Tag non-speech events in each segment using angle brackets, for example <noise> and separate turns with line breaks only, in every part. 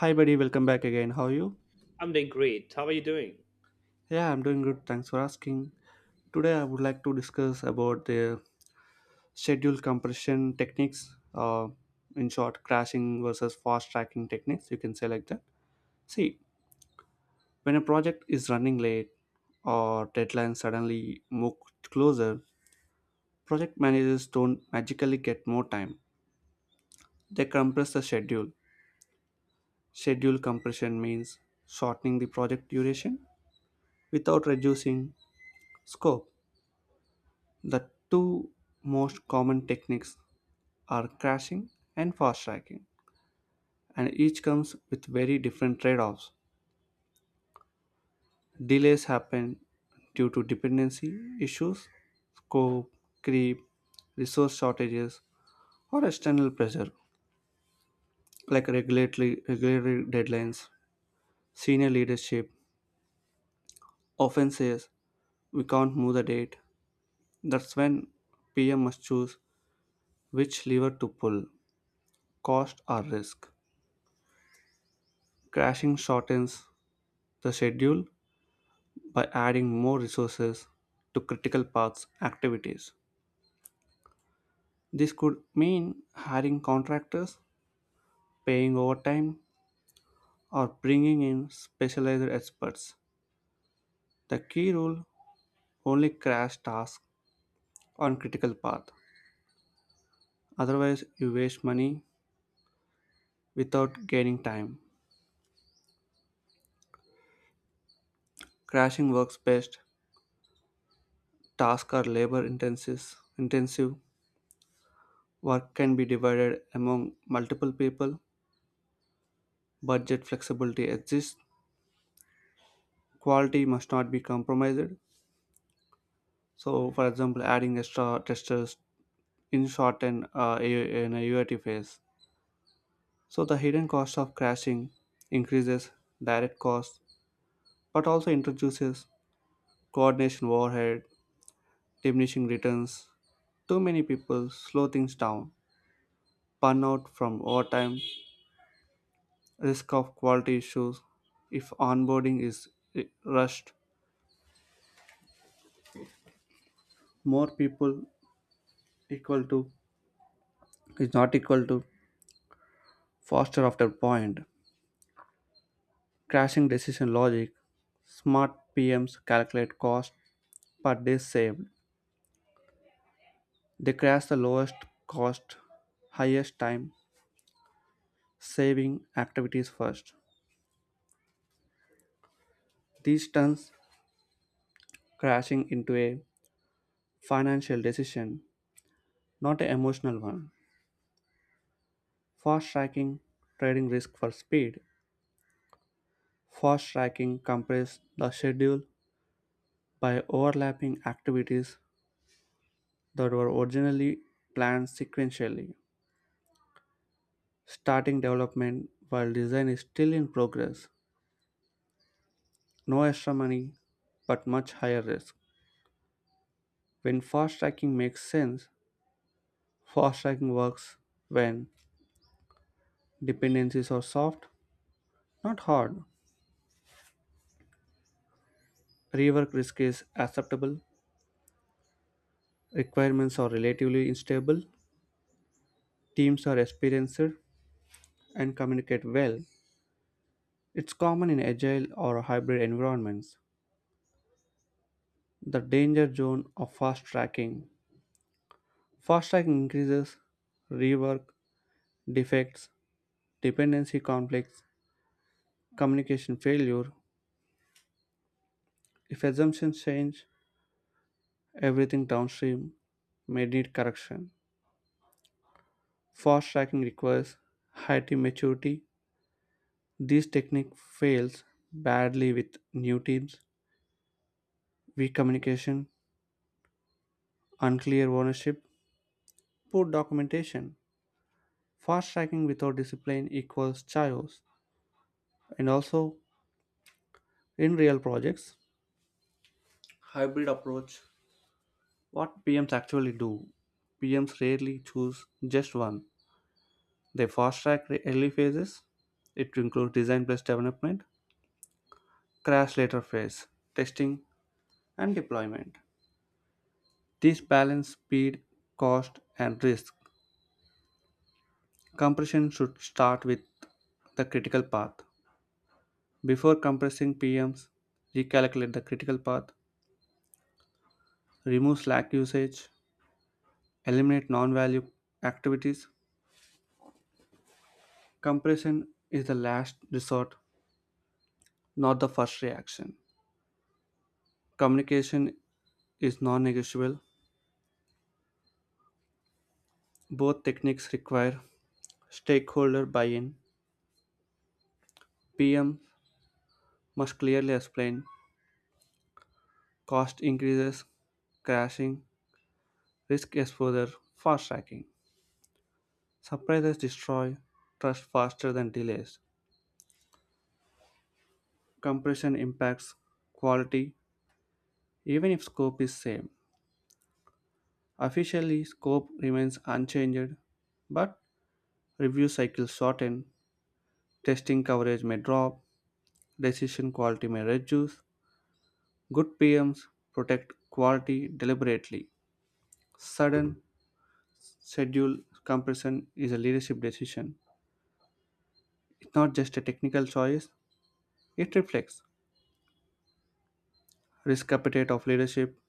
Hi, buddy. Welcome back again. How are you?
I'm doing great. How are you doing?
Yeah, I'm doing good. Thanks for asking. Today, I would like to discuss about the schedule compression techniques. In short, crashing versus fast tracking techniques. You can say like that. See, when a project is running late or deadlines suddenly move closer, project managers don't magically get more time. They compress the schedule. Schedule compression means shortening the project duration without reducing scope. The two most common techniques are crashing and fast tracking, and each comes with very different trade offs. Delays happen due to dependency issues, scope, creep, resource shortages, or external pressure like regulatory deadlines, senior leadership, often says we can't move the date. That's when PM must choose which lever to pull cost or risk. Crashing shortens the schedule by adding more resources to critical path activities. This could mean hiring contractors, paying overtime, or bringing in specialized experts. The key rule only crash tasks on critical path. Otherwise, you waste money without gaining time. Crashing works best. Tasks are labor intensive. Intensive work can be divided among multiple people. Budget flexibility exists, quality must not be compromised. So, for example, adding extra testers in short and in a UAT phase. So, the hidden cost of crashing increases direct costs, but also introduces coordination overhead, diminishing returns. Too many people slow things down, burnout from overtime, risk of quality issues. If onboarding is rushed, more people equal to is not equal to faster after point. Crashing decision logic, smart PMs calculate cost per day saved. They crash the lowest cost, highest time saving activities first. This turns crashing into a financial decision, not an emotional one. Fast tracking trading risk for speed. Fast tracking compresses the schedule by overlapping activities that were originally planned sequentially starting development while design is still in progress. No extra money, but much higher risk. When fast tracking makes sense, fast tracking works when dependencies are soft, not hard. Rework risk is acceptable, requirements are relatively unstable, teams are experienced and communicate well. It's common in agile or hybrid environments. The danger zone of fast tracking. Fast tracking increases rework, defects, dependency conflicts, communication failure. If assumptions change, everything downstream may need correction. Fast tracking requires high team maturity. This technique fails badly with new teams, weak communication, unclear ownership, poor documentation. Fast tracking without discipline equals chaos. And also, in real projects, hybrid approach. What PMs actually do? PMs rarely choose just one. They fast track the early phases. It includes design plus development, crash later phase, testing, and deployment. This balance speed, cost, and risk. Compression should start with the critical path. Before compressing PMs, recalculate the critical path, remove slack usage, eliminate non value activities. Compression is the last resort, not the first reaction. Communication is non negotiable. Both techniques require stakeholder buy-in: PM must clearly explain cost increases, crashing, risk exposure, fast-tracking. Surprises destroy trust faster than delays. Compression impacts quality even if scope is same. Officially, scope remains unchanged, but review cycles shorten, testing coverage may drop, decision quality may reduce. Good PMs protect quality deliberately. Sudden schedule compression is a leadership decision. It's not just a technical choice, it reflects risk appetite of leadership,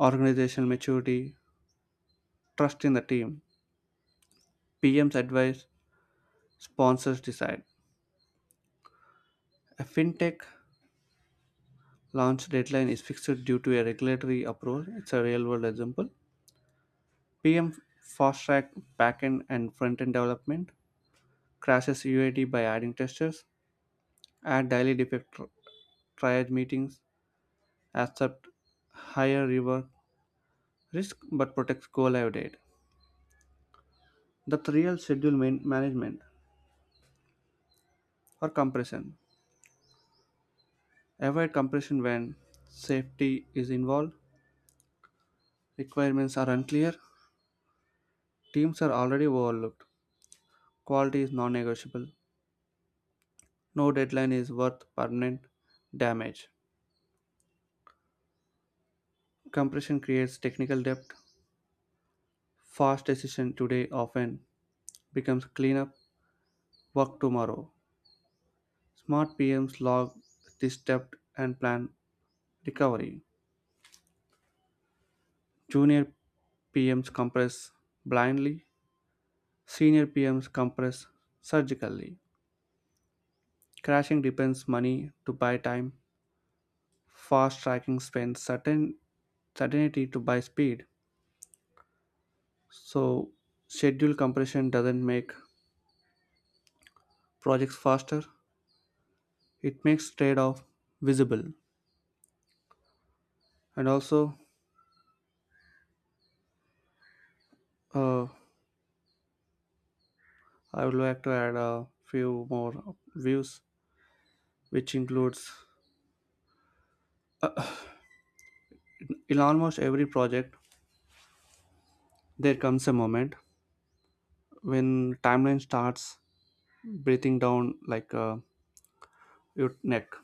organizational maturity, trust in the team, PM's advice, sponsors decide. A fintech launch deadline is fixed due to a regulatory approval. It's a real world example. PM fast track backend and front end development, crashes UAT by adding testers, add daily defect triage meetings, accept higher rework risk but protects go-live date. The real schedule management or compression. Avoid compression when safety is involved, requirements are unclear, teams are already overlooked, quality is non negotiable, no deadline is worth permanent damage. Compression creates technical debt. Fast decision today often becomes cleanup work tomorrow. Smart PMs log this debt and plan recovery. Junior PMs compress blindly, senior PMs compress surgically. Crashing depends money to buy time, fast tracking spends certainty to buy speed. So schedule compression doesn't make projects faster; it makes trade-off visible. And also, uh, I would like to add a few more views, which includes in almost every project there comes a moment when timeline starts breathing down like your neck.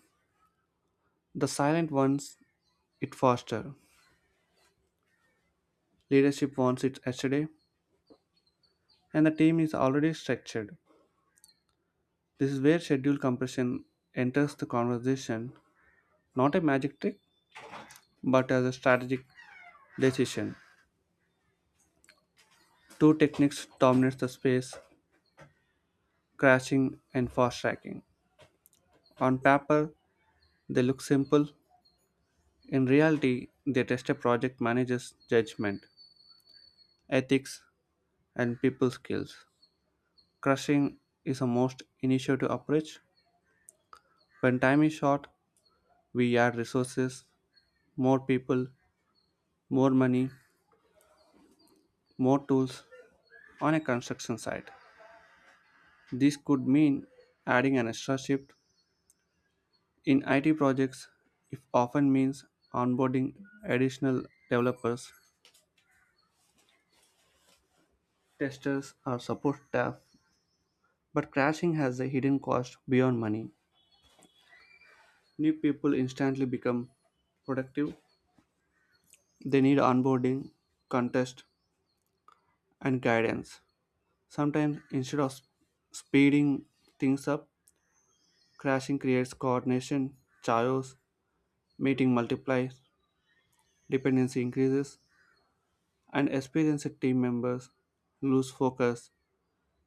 The silent wants it faster. Leadership wants it yesterday, and the team is already structured. This is where schedule compression enters the conversation, not a magic trick, but as a strategic decision. Two techniques dominate the space: crashing and fast tracking. On paper, they look simple. In reality, they test a project manager's judgment, ethics, and people skills. Crushing is a most initiative approach. When time is short, we add resources, more people, more money, more tools on a construction site. This could mean adding an extra shift in IT projects. It often means onboarding additional developers, testers, or support staff. But crashing has a hidden cost beyond money. New people instantly become productive. They need onboarding, contest, and guidance. Sometimes, instead of speeding things up, crashing creates coordination, chaos, meeting multiplies, dependency increases, and experienced team members lose focus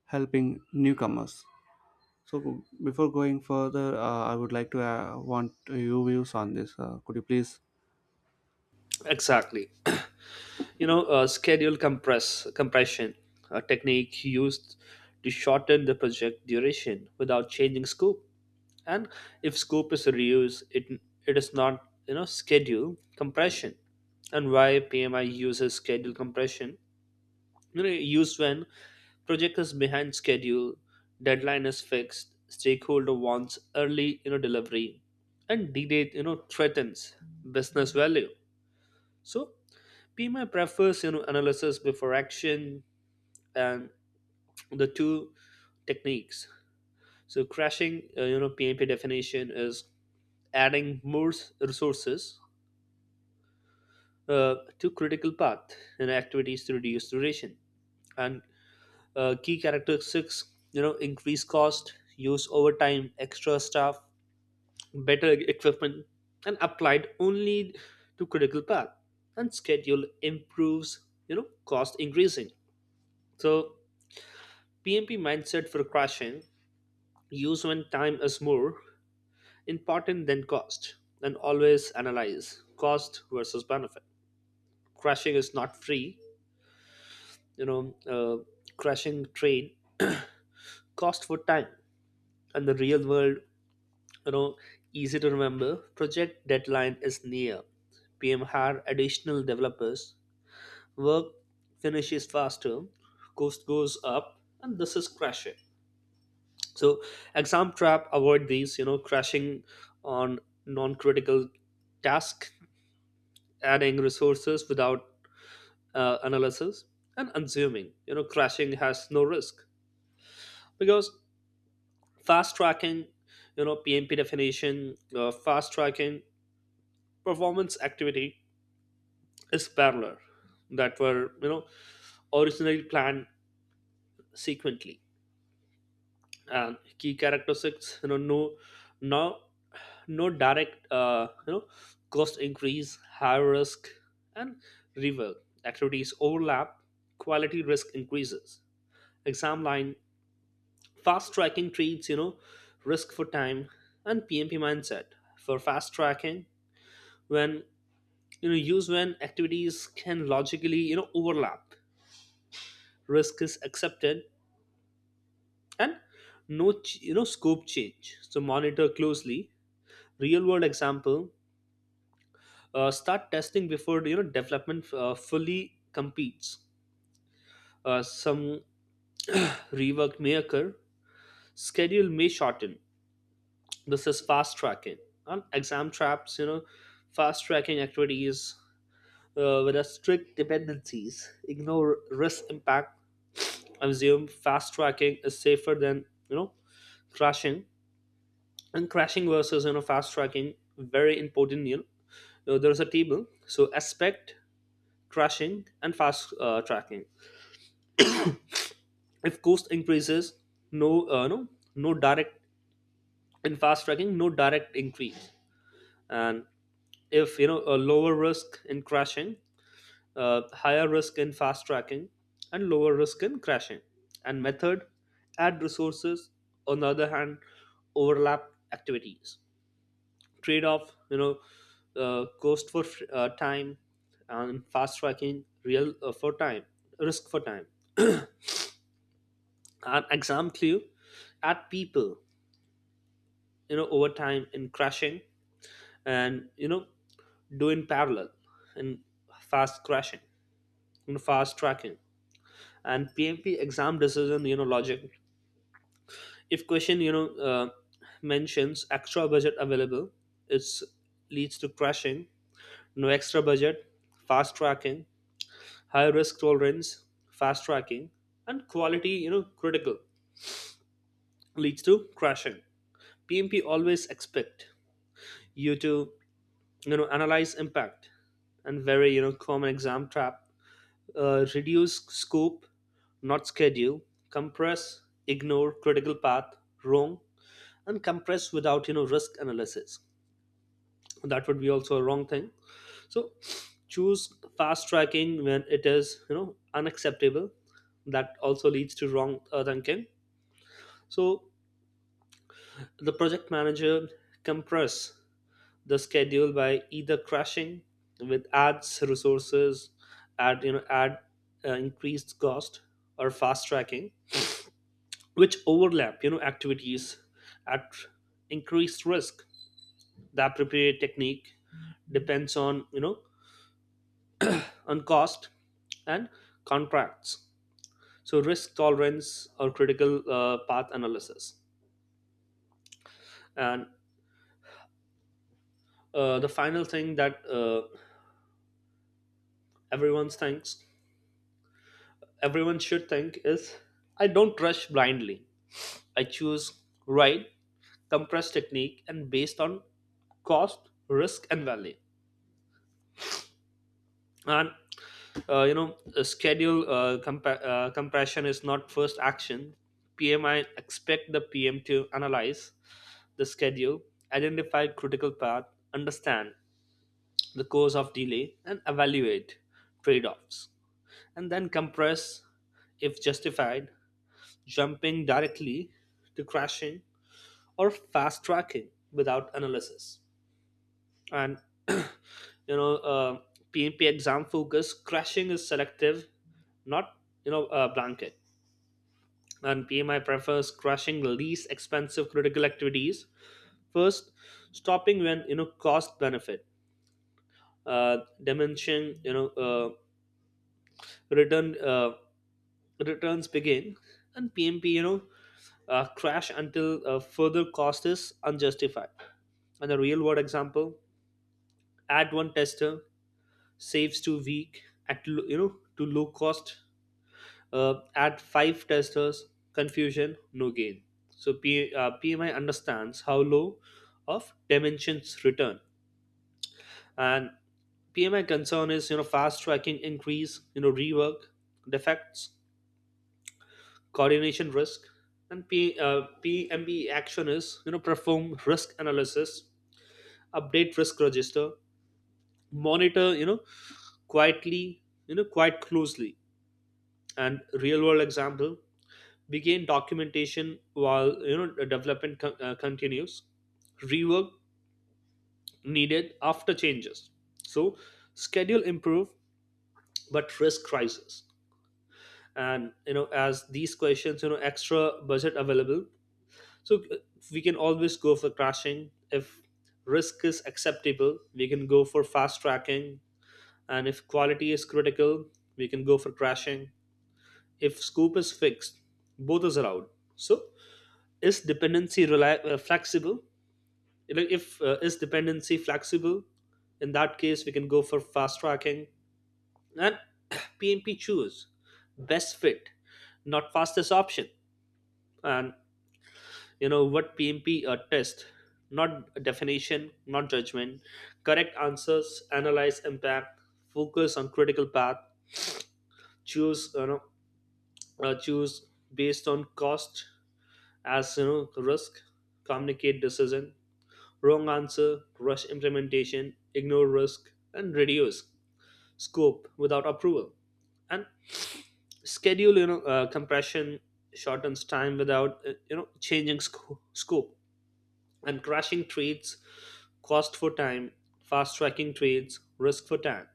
helping newcomers. So, before going further, I would like to want your views on this. Could you please?
Exactly. Schedule compression, a technique used to shorten the project duration without changing scope. And if scope is reduced, it is not schedule compression. And why PMI uses schedule compression? Used when project is behind schedule, deadline is fixed, stakeholder wants early delivery, and delay threatens business value. So PMI prefers analysis before action, and the two techniques. So crashing, PMP definition is adding resources to critical path and activities to reduce duration. And key characteristics, increase cost, use overtime, extra staff, better equipment, and applied only to critical path, and schedule improves, cost increasing. So PMP mindset for crashing, use when time is more important than cost, and always analyze cost versus benefit. Crashing is not free. you know, uh, crashing train cost for time. And the real world, you know, easy to remember. Project deadline is near. PM hire additional developers, work finishes faster, cost goes up, and this is crashing. So exam trap, avoid these, crashing on non-critical task, adding resources without analysis, and unassuming. Crashing has no risk. Because fast tracking, PMP definition, fast tracking performance activity is parallel that were originally planned sequently. And key characteristics, now no direct, cost increase, high risk, and river activities overlap, quality risk increases. Exam line, fast tracking treats, risk for time. And PMP mindset for fast tracking, when use when activities can logically overlap, risk is accepted, and no scope change, so monitor closely. Real world example, start testing before development fully competes. Some <clears throat> rework may occur, schedule may shorten. This is fast tracking. And exam traps, fast tracking activities with a strict dependencies, ignore risk impact. Assume fast tracking is safer than crashing. And crashing versus fast tracking, very important. There is a table. So aspect, crashing and fast tracking. If cost increases, no uh, no no direct, in fast tracking no direct increase. And if a lower risk in crashing, higher risk in fast tracking, and lower risk in crashing. And method, add resources, on the other hand overlap activities. Trade off, cost for time. And fast tracking real for time, risk for time. And exam clue, add people, over time in crashing, and do in parallel. And fast crashing you know, fast tracking. And PMP exam decision, logic, if question mentions extra budget available, it's leads to crashing. No extra budget, fast tracking. High risk tolerance, fast tracking. And quality critical, leads to crashing. PMP always expect you to analyze impact. And very common exam trap, reduce scope, not schedule, compress, ignore critical path, wrong. And compress without risk analysis, that would be also a wrong thing. So choose fast tracking when it is unacceptable, that also leads to wrong thinking. So the project manager compress the schedule by either crashing with ads resources at add increased cost, or fast tracking which overlap activities at increased risk. The appropriate technique depends on on cost and contracts, so risk tolerance or critical path analysis. And the final thing that, everyone thinks everyone should think is, I don't rush blindly, I choose right, compressed technique, and based on cost, risk, and value. And schedule, compression is not first action. PMI expect the PM to analyze the schedule, identify critical path, understand the cause of delay, and evaluate trade-offs, and then compress if justified, jumping directly to crashing or fast tracking without analysis. And <clears throat> you know uh, PMP exam focus, crushing is selective, not blanket. And PMI prefers crushing least expensive critical activities first, stopping when cost benefit, diminishing return uh, returns begin. And PMP, crash until further cost is unjustified. And a real world example, add one tester saves too weak at lo- you know to low cost, at five testers, confusion, no gain. So PMI understands how low of dimensions return. And PMI concern is, fast tracking increase, rework, defects, coordination risk. And PMB action is, perform risk analysis, update risk register, monitor, you know quietly you know quite closely. And real world example, begin documentation while the development continues, rework needed after changes, so schedule improve but risk crisis. And as these questions, extra budget available, so we can always go for crashing. If risk is acceptable, we can go for fast tracking. And if quality is critical, we can go for crashing. If scope is fixed, both is allowed. So is dependency flexible, like if is dependency flexible, in that case we can go for fast tracking. And <coughs> <clears throat> PMP choose best fit, not fastest option. And you know what PMP test, not definition, not judgment. Correct answers, analyze impact, focus on critical path, choose, choose based on cost, as risk, communicate decision. Wrong answer, rush implementation, ignore risk, and reduce scope without approval. And schedule, compression shortens time without, changing scope. And crashing trades cost for time, fast tracking trades risk for time.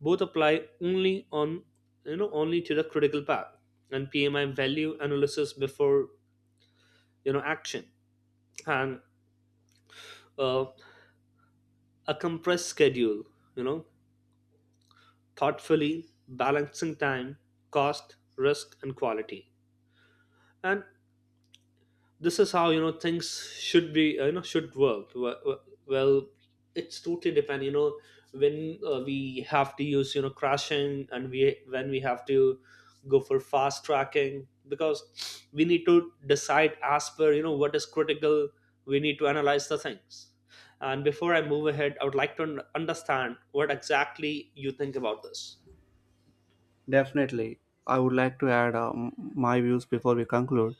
Both apply only on, only to the critical path. And PMI value analysis before, action. And uh, a compressed schedule, you know thoughtfully, balancing time, cost, risk, and quality. And this is how things should be. Should work. Well, it's totally depend. When we have to use, crashing, and we when we have to go for fast tracking, because we need to decide as per what is critical. We need to analyze the things. And before I move ahead, I would like to understand what exactly you think about this.
Definitely. I would like to add my views before we conclude.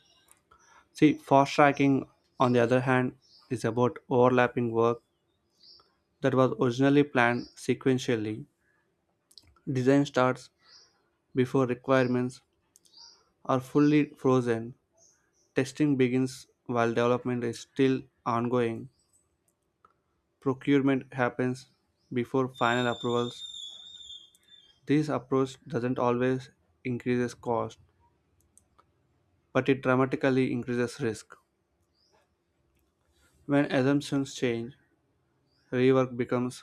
See, fast tracking, on the other hand, is about overlapping work that was originally planned sequentially. Design starts before requirements are fully frozen. Testing begins while development is still ongoing. Procurement happens before final approvals. This approach doesn't always increase cost, but it dramatically increases risk. When assumptions change, rework becomes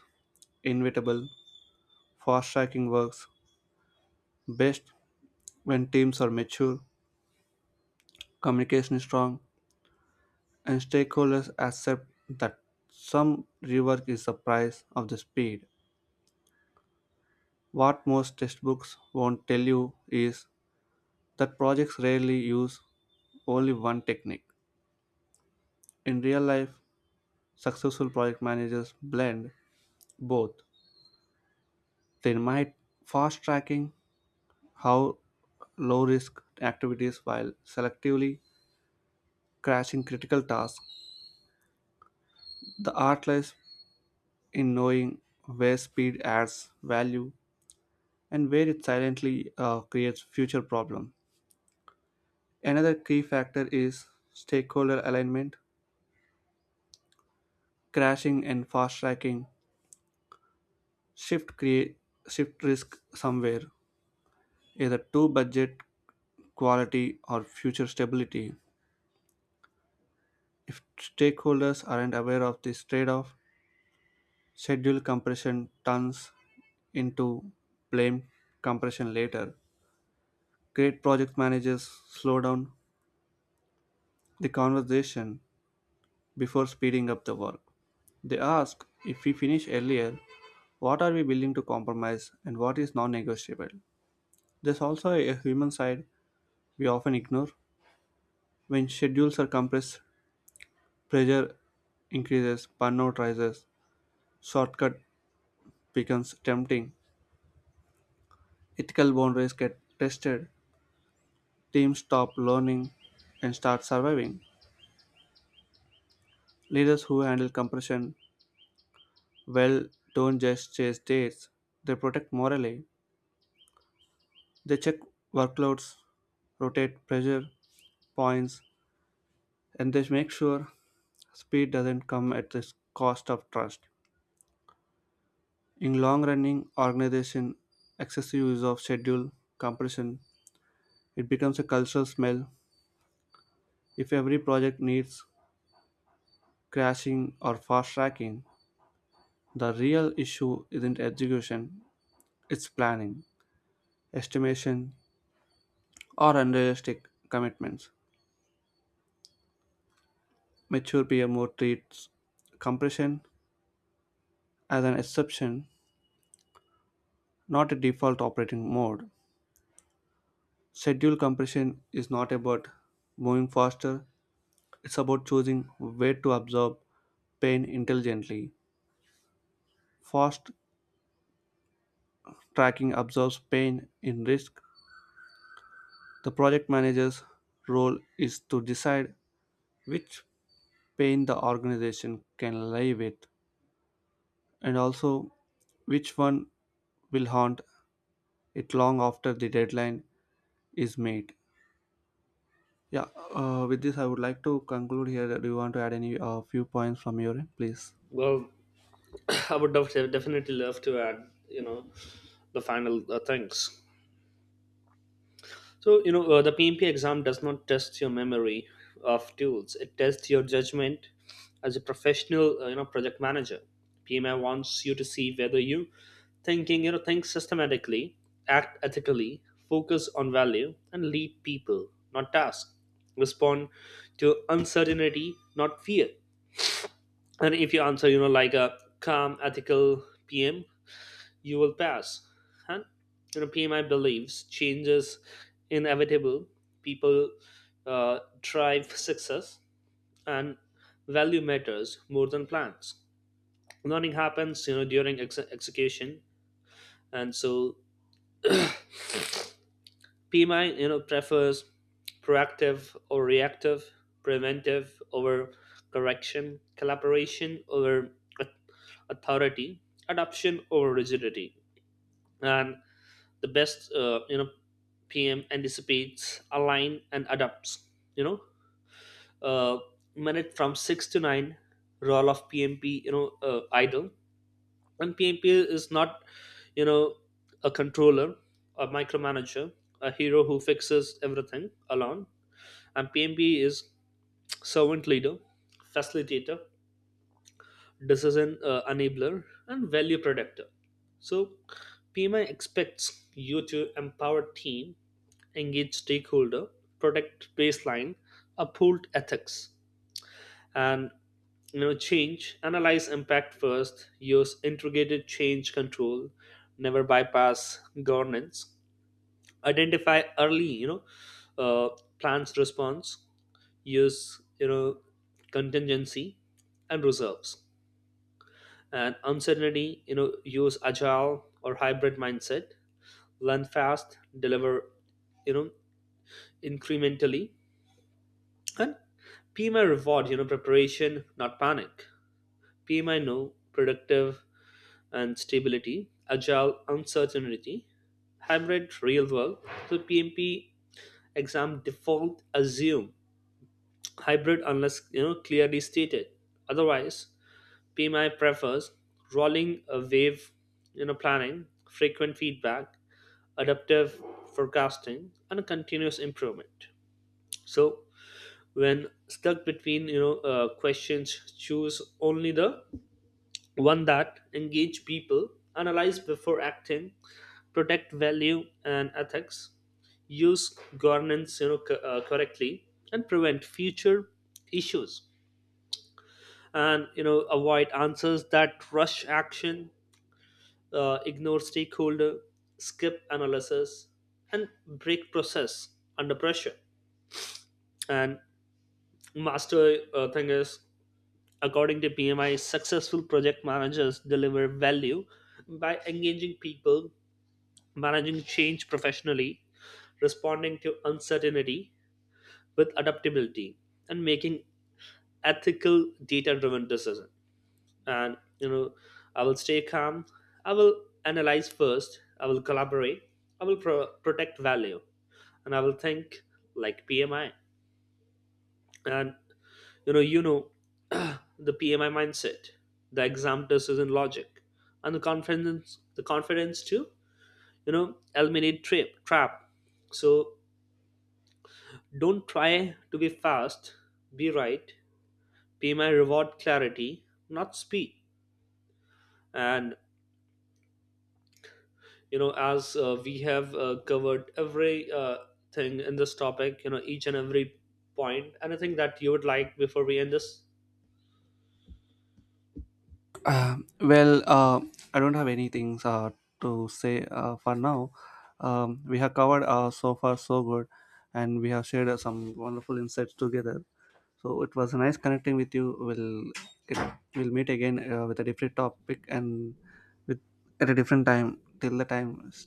inevitable. Fast tracking works best when teams are mature, communication is strong, and stakeholders accept that some rework is the price of the speed. What most textbooks won't tell you is that projects rarely use only one technique. In real life, successful project managers blend both. They might fast tracking how low risk activities while selectively crashing critical tasks. The art lies in knowing where speed adds value and where it silently creates future problems. Another key factor is stakeholder alignment, crashing and fast tracking, shift create shift risk somewhere, either to budget, quality, or future stability. If stakeholders aren't aware of this trade-off, schedule compression turns into blame compression later. Great project managers slow down the conversation before speeding up the work. They ask if we finish earlier, what are we willing to compromise and what is non negotiable. There's also a human side we often ignore. When schedules are compressed, pressure increases, burnout rises, shortcut becomes tempting, ethical boundaries get tested, teams stop learning and start surviving. Leaders who handle compression well don't just chase dates, they protect morally. They check workloads, rotate pressure points, and they make sure speed doesn't come at the cost of trust. In long running organization, excessive use of schedule compression, it becomes a cultural smell. If every project needs crashing or fast tracking, the real issue isn't execution, it's planning, estimation, or unrealistic commitments. Mature PMO treats compression as an exception, not a default operating mode. Schedule compression is not about moving faster, it's about choosing where to absorb pain intelligently. Fast tracking absorbs pain in risk. The project manager's role is to decide which pain the organization can live with and also which one will haunt it long after the deadline is made. Yeah, with this, I would like to conclude here. Do you want to add any few points from your end, please?
Well, I would definitely love to add, you know, the final things. So, the PMP exam does not test your memory of tools. It tests your judgment as a professional, project manager. PMI wants you to see whether you think systematically, act ethically, focus on value, and lead people, not tasks. Respond to uncertainty, not fear. And if you answer, like a calm, ethical PM, you will pass. And PMI believes change is inevitable. People drive success, and value matters more than plans. Learning happens, during execution. And so PMI, prefers proactive or reactive, preventive over correction, collaboration over authority, adoption over rigidity. And the best PM anticipates, align and adapts, you know uh, minute from 6 to 9, role of PMP, idle. And PMP is not, you know a controller, a micromanager, a hero who fixes everything alone. And PMP is servant leader, facilitator, decision enabler, and value predictor. So PMI expects you to empower team, engage stakeholder, protect baseline, uphold ethics, and change. Analyze impact first. Use integrated change control. Never bypass governance. Identify early. Uh, plans response. Use, contingency and reserves. And uncertainty, use agile or hybrid mindset. Learn fast. Deliver, You know incrementally. And PMI reward, preparation, not panic. PMI know productive and stability, agile, uncertainty, hybrid, real world. So PMP exam default assume hybrid unless clearly stated. Otherwise, PMI prefers rolling a wave, planning, frequent feedback, adaptive forecasting, and a continuous improvement. So when stuck between, questions, choose only the one that engage people, analyze before acting, protect value and ethics, use governance, correctly, and prevent future issues. And avoid answers that rush action, ignore stakeholder, skip analysis, and break process under pressure. And master thing is, according to PMI, successful project managers deliver value by engaging people, managing change professionally, responding to uncertainty with adaptability, and making ethical data-driven decisions. And I will stay calm. I will analyze first. I will collaborate. I will protect value, and I will think like PMI. And you know <clears throat> the PMI mindset, the exam decision logic, and the confidence to eliminate trip trap. So don't try to be fast, be right. PMI reward clarity, not speed. And as we have covered every thing in this topic, each and every point, anything that you would like before we end this?
Well, I don't have anything to say for now. We have covered so far so good, and we have shared some wonderful insights together. So it was nice connecting with you. We'll meet again with a different topic and with at a different time. Till the time,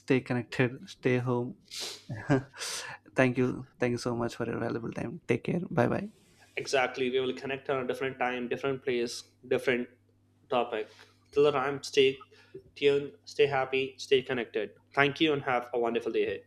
stay connected, stay home. <laughs> Thank you so much for your valuable time. Take care. Bye bye.
Exactly. We will connect on a different time, different place, different topic. Till the time, stay tuned, stay happy, stay connected. Thank you and have a wonderful day ahead.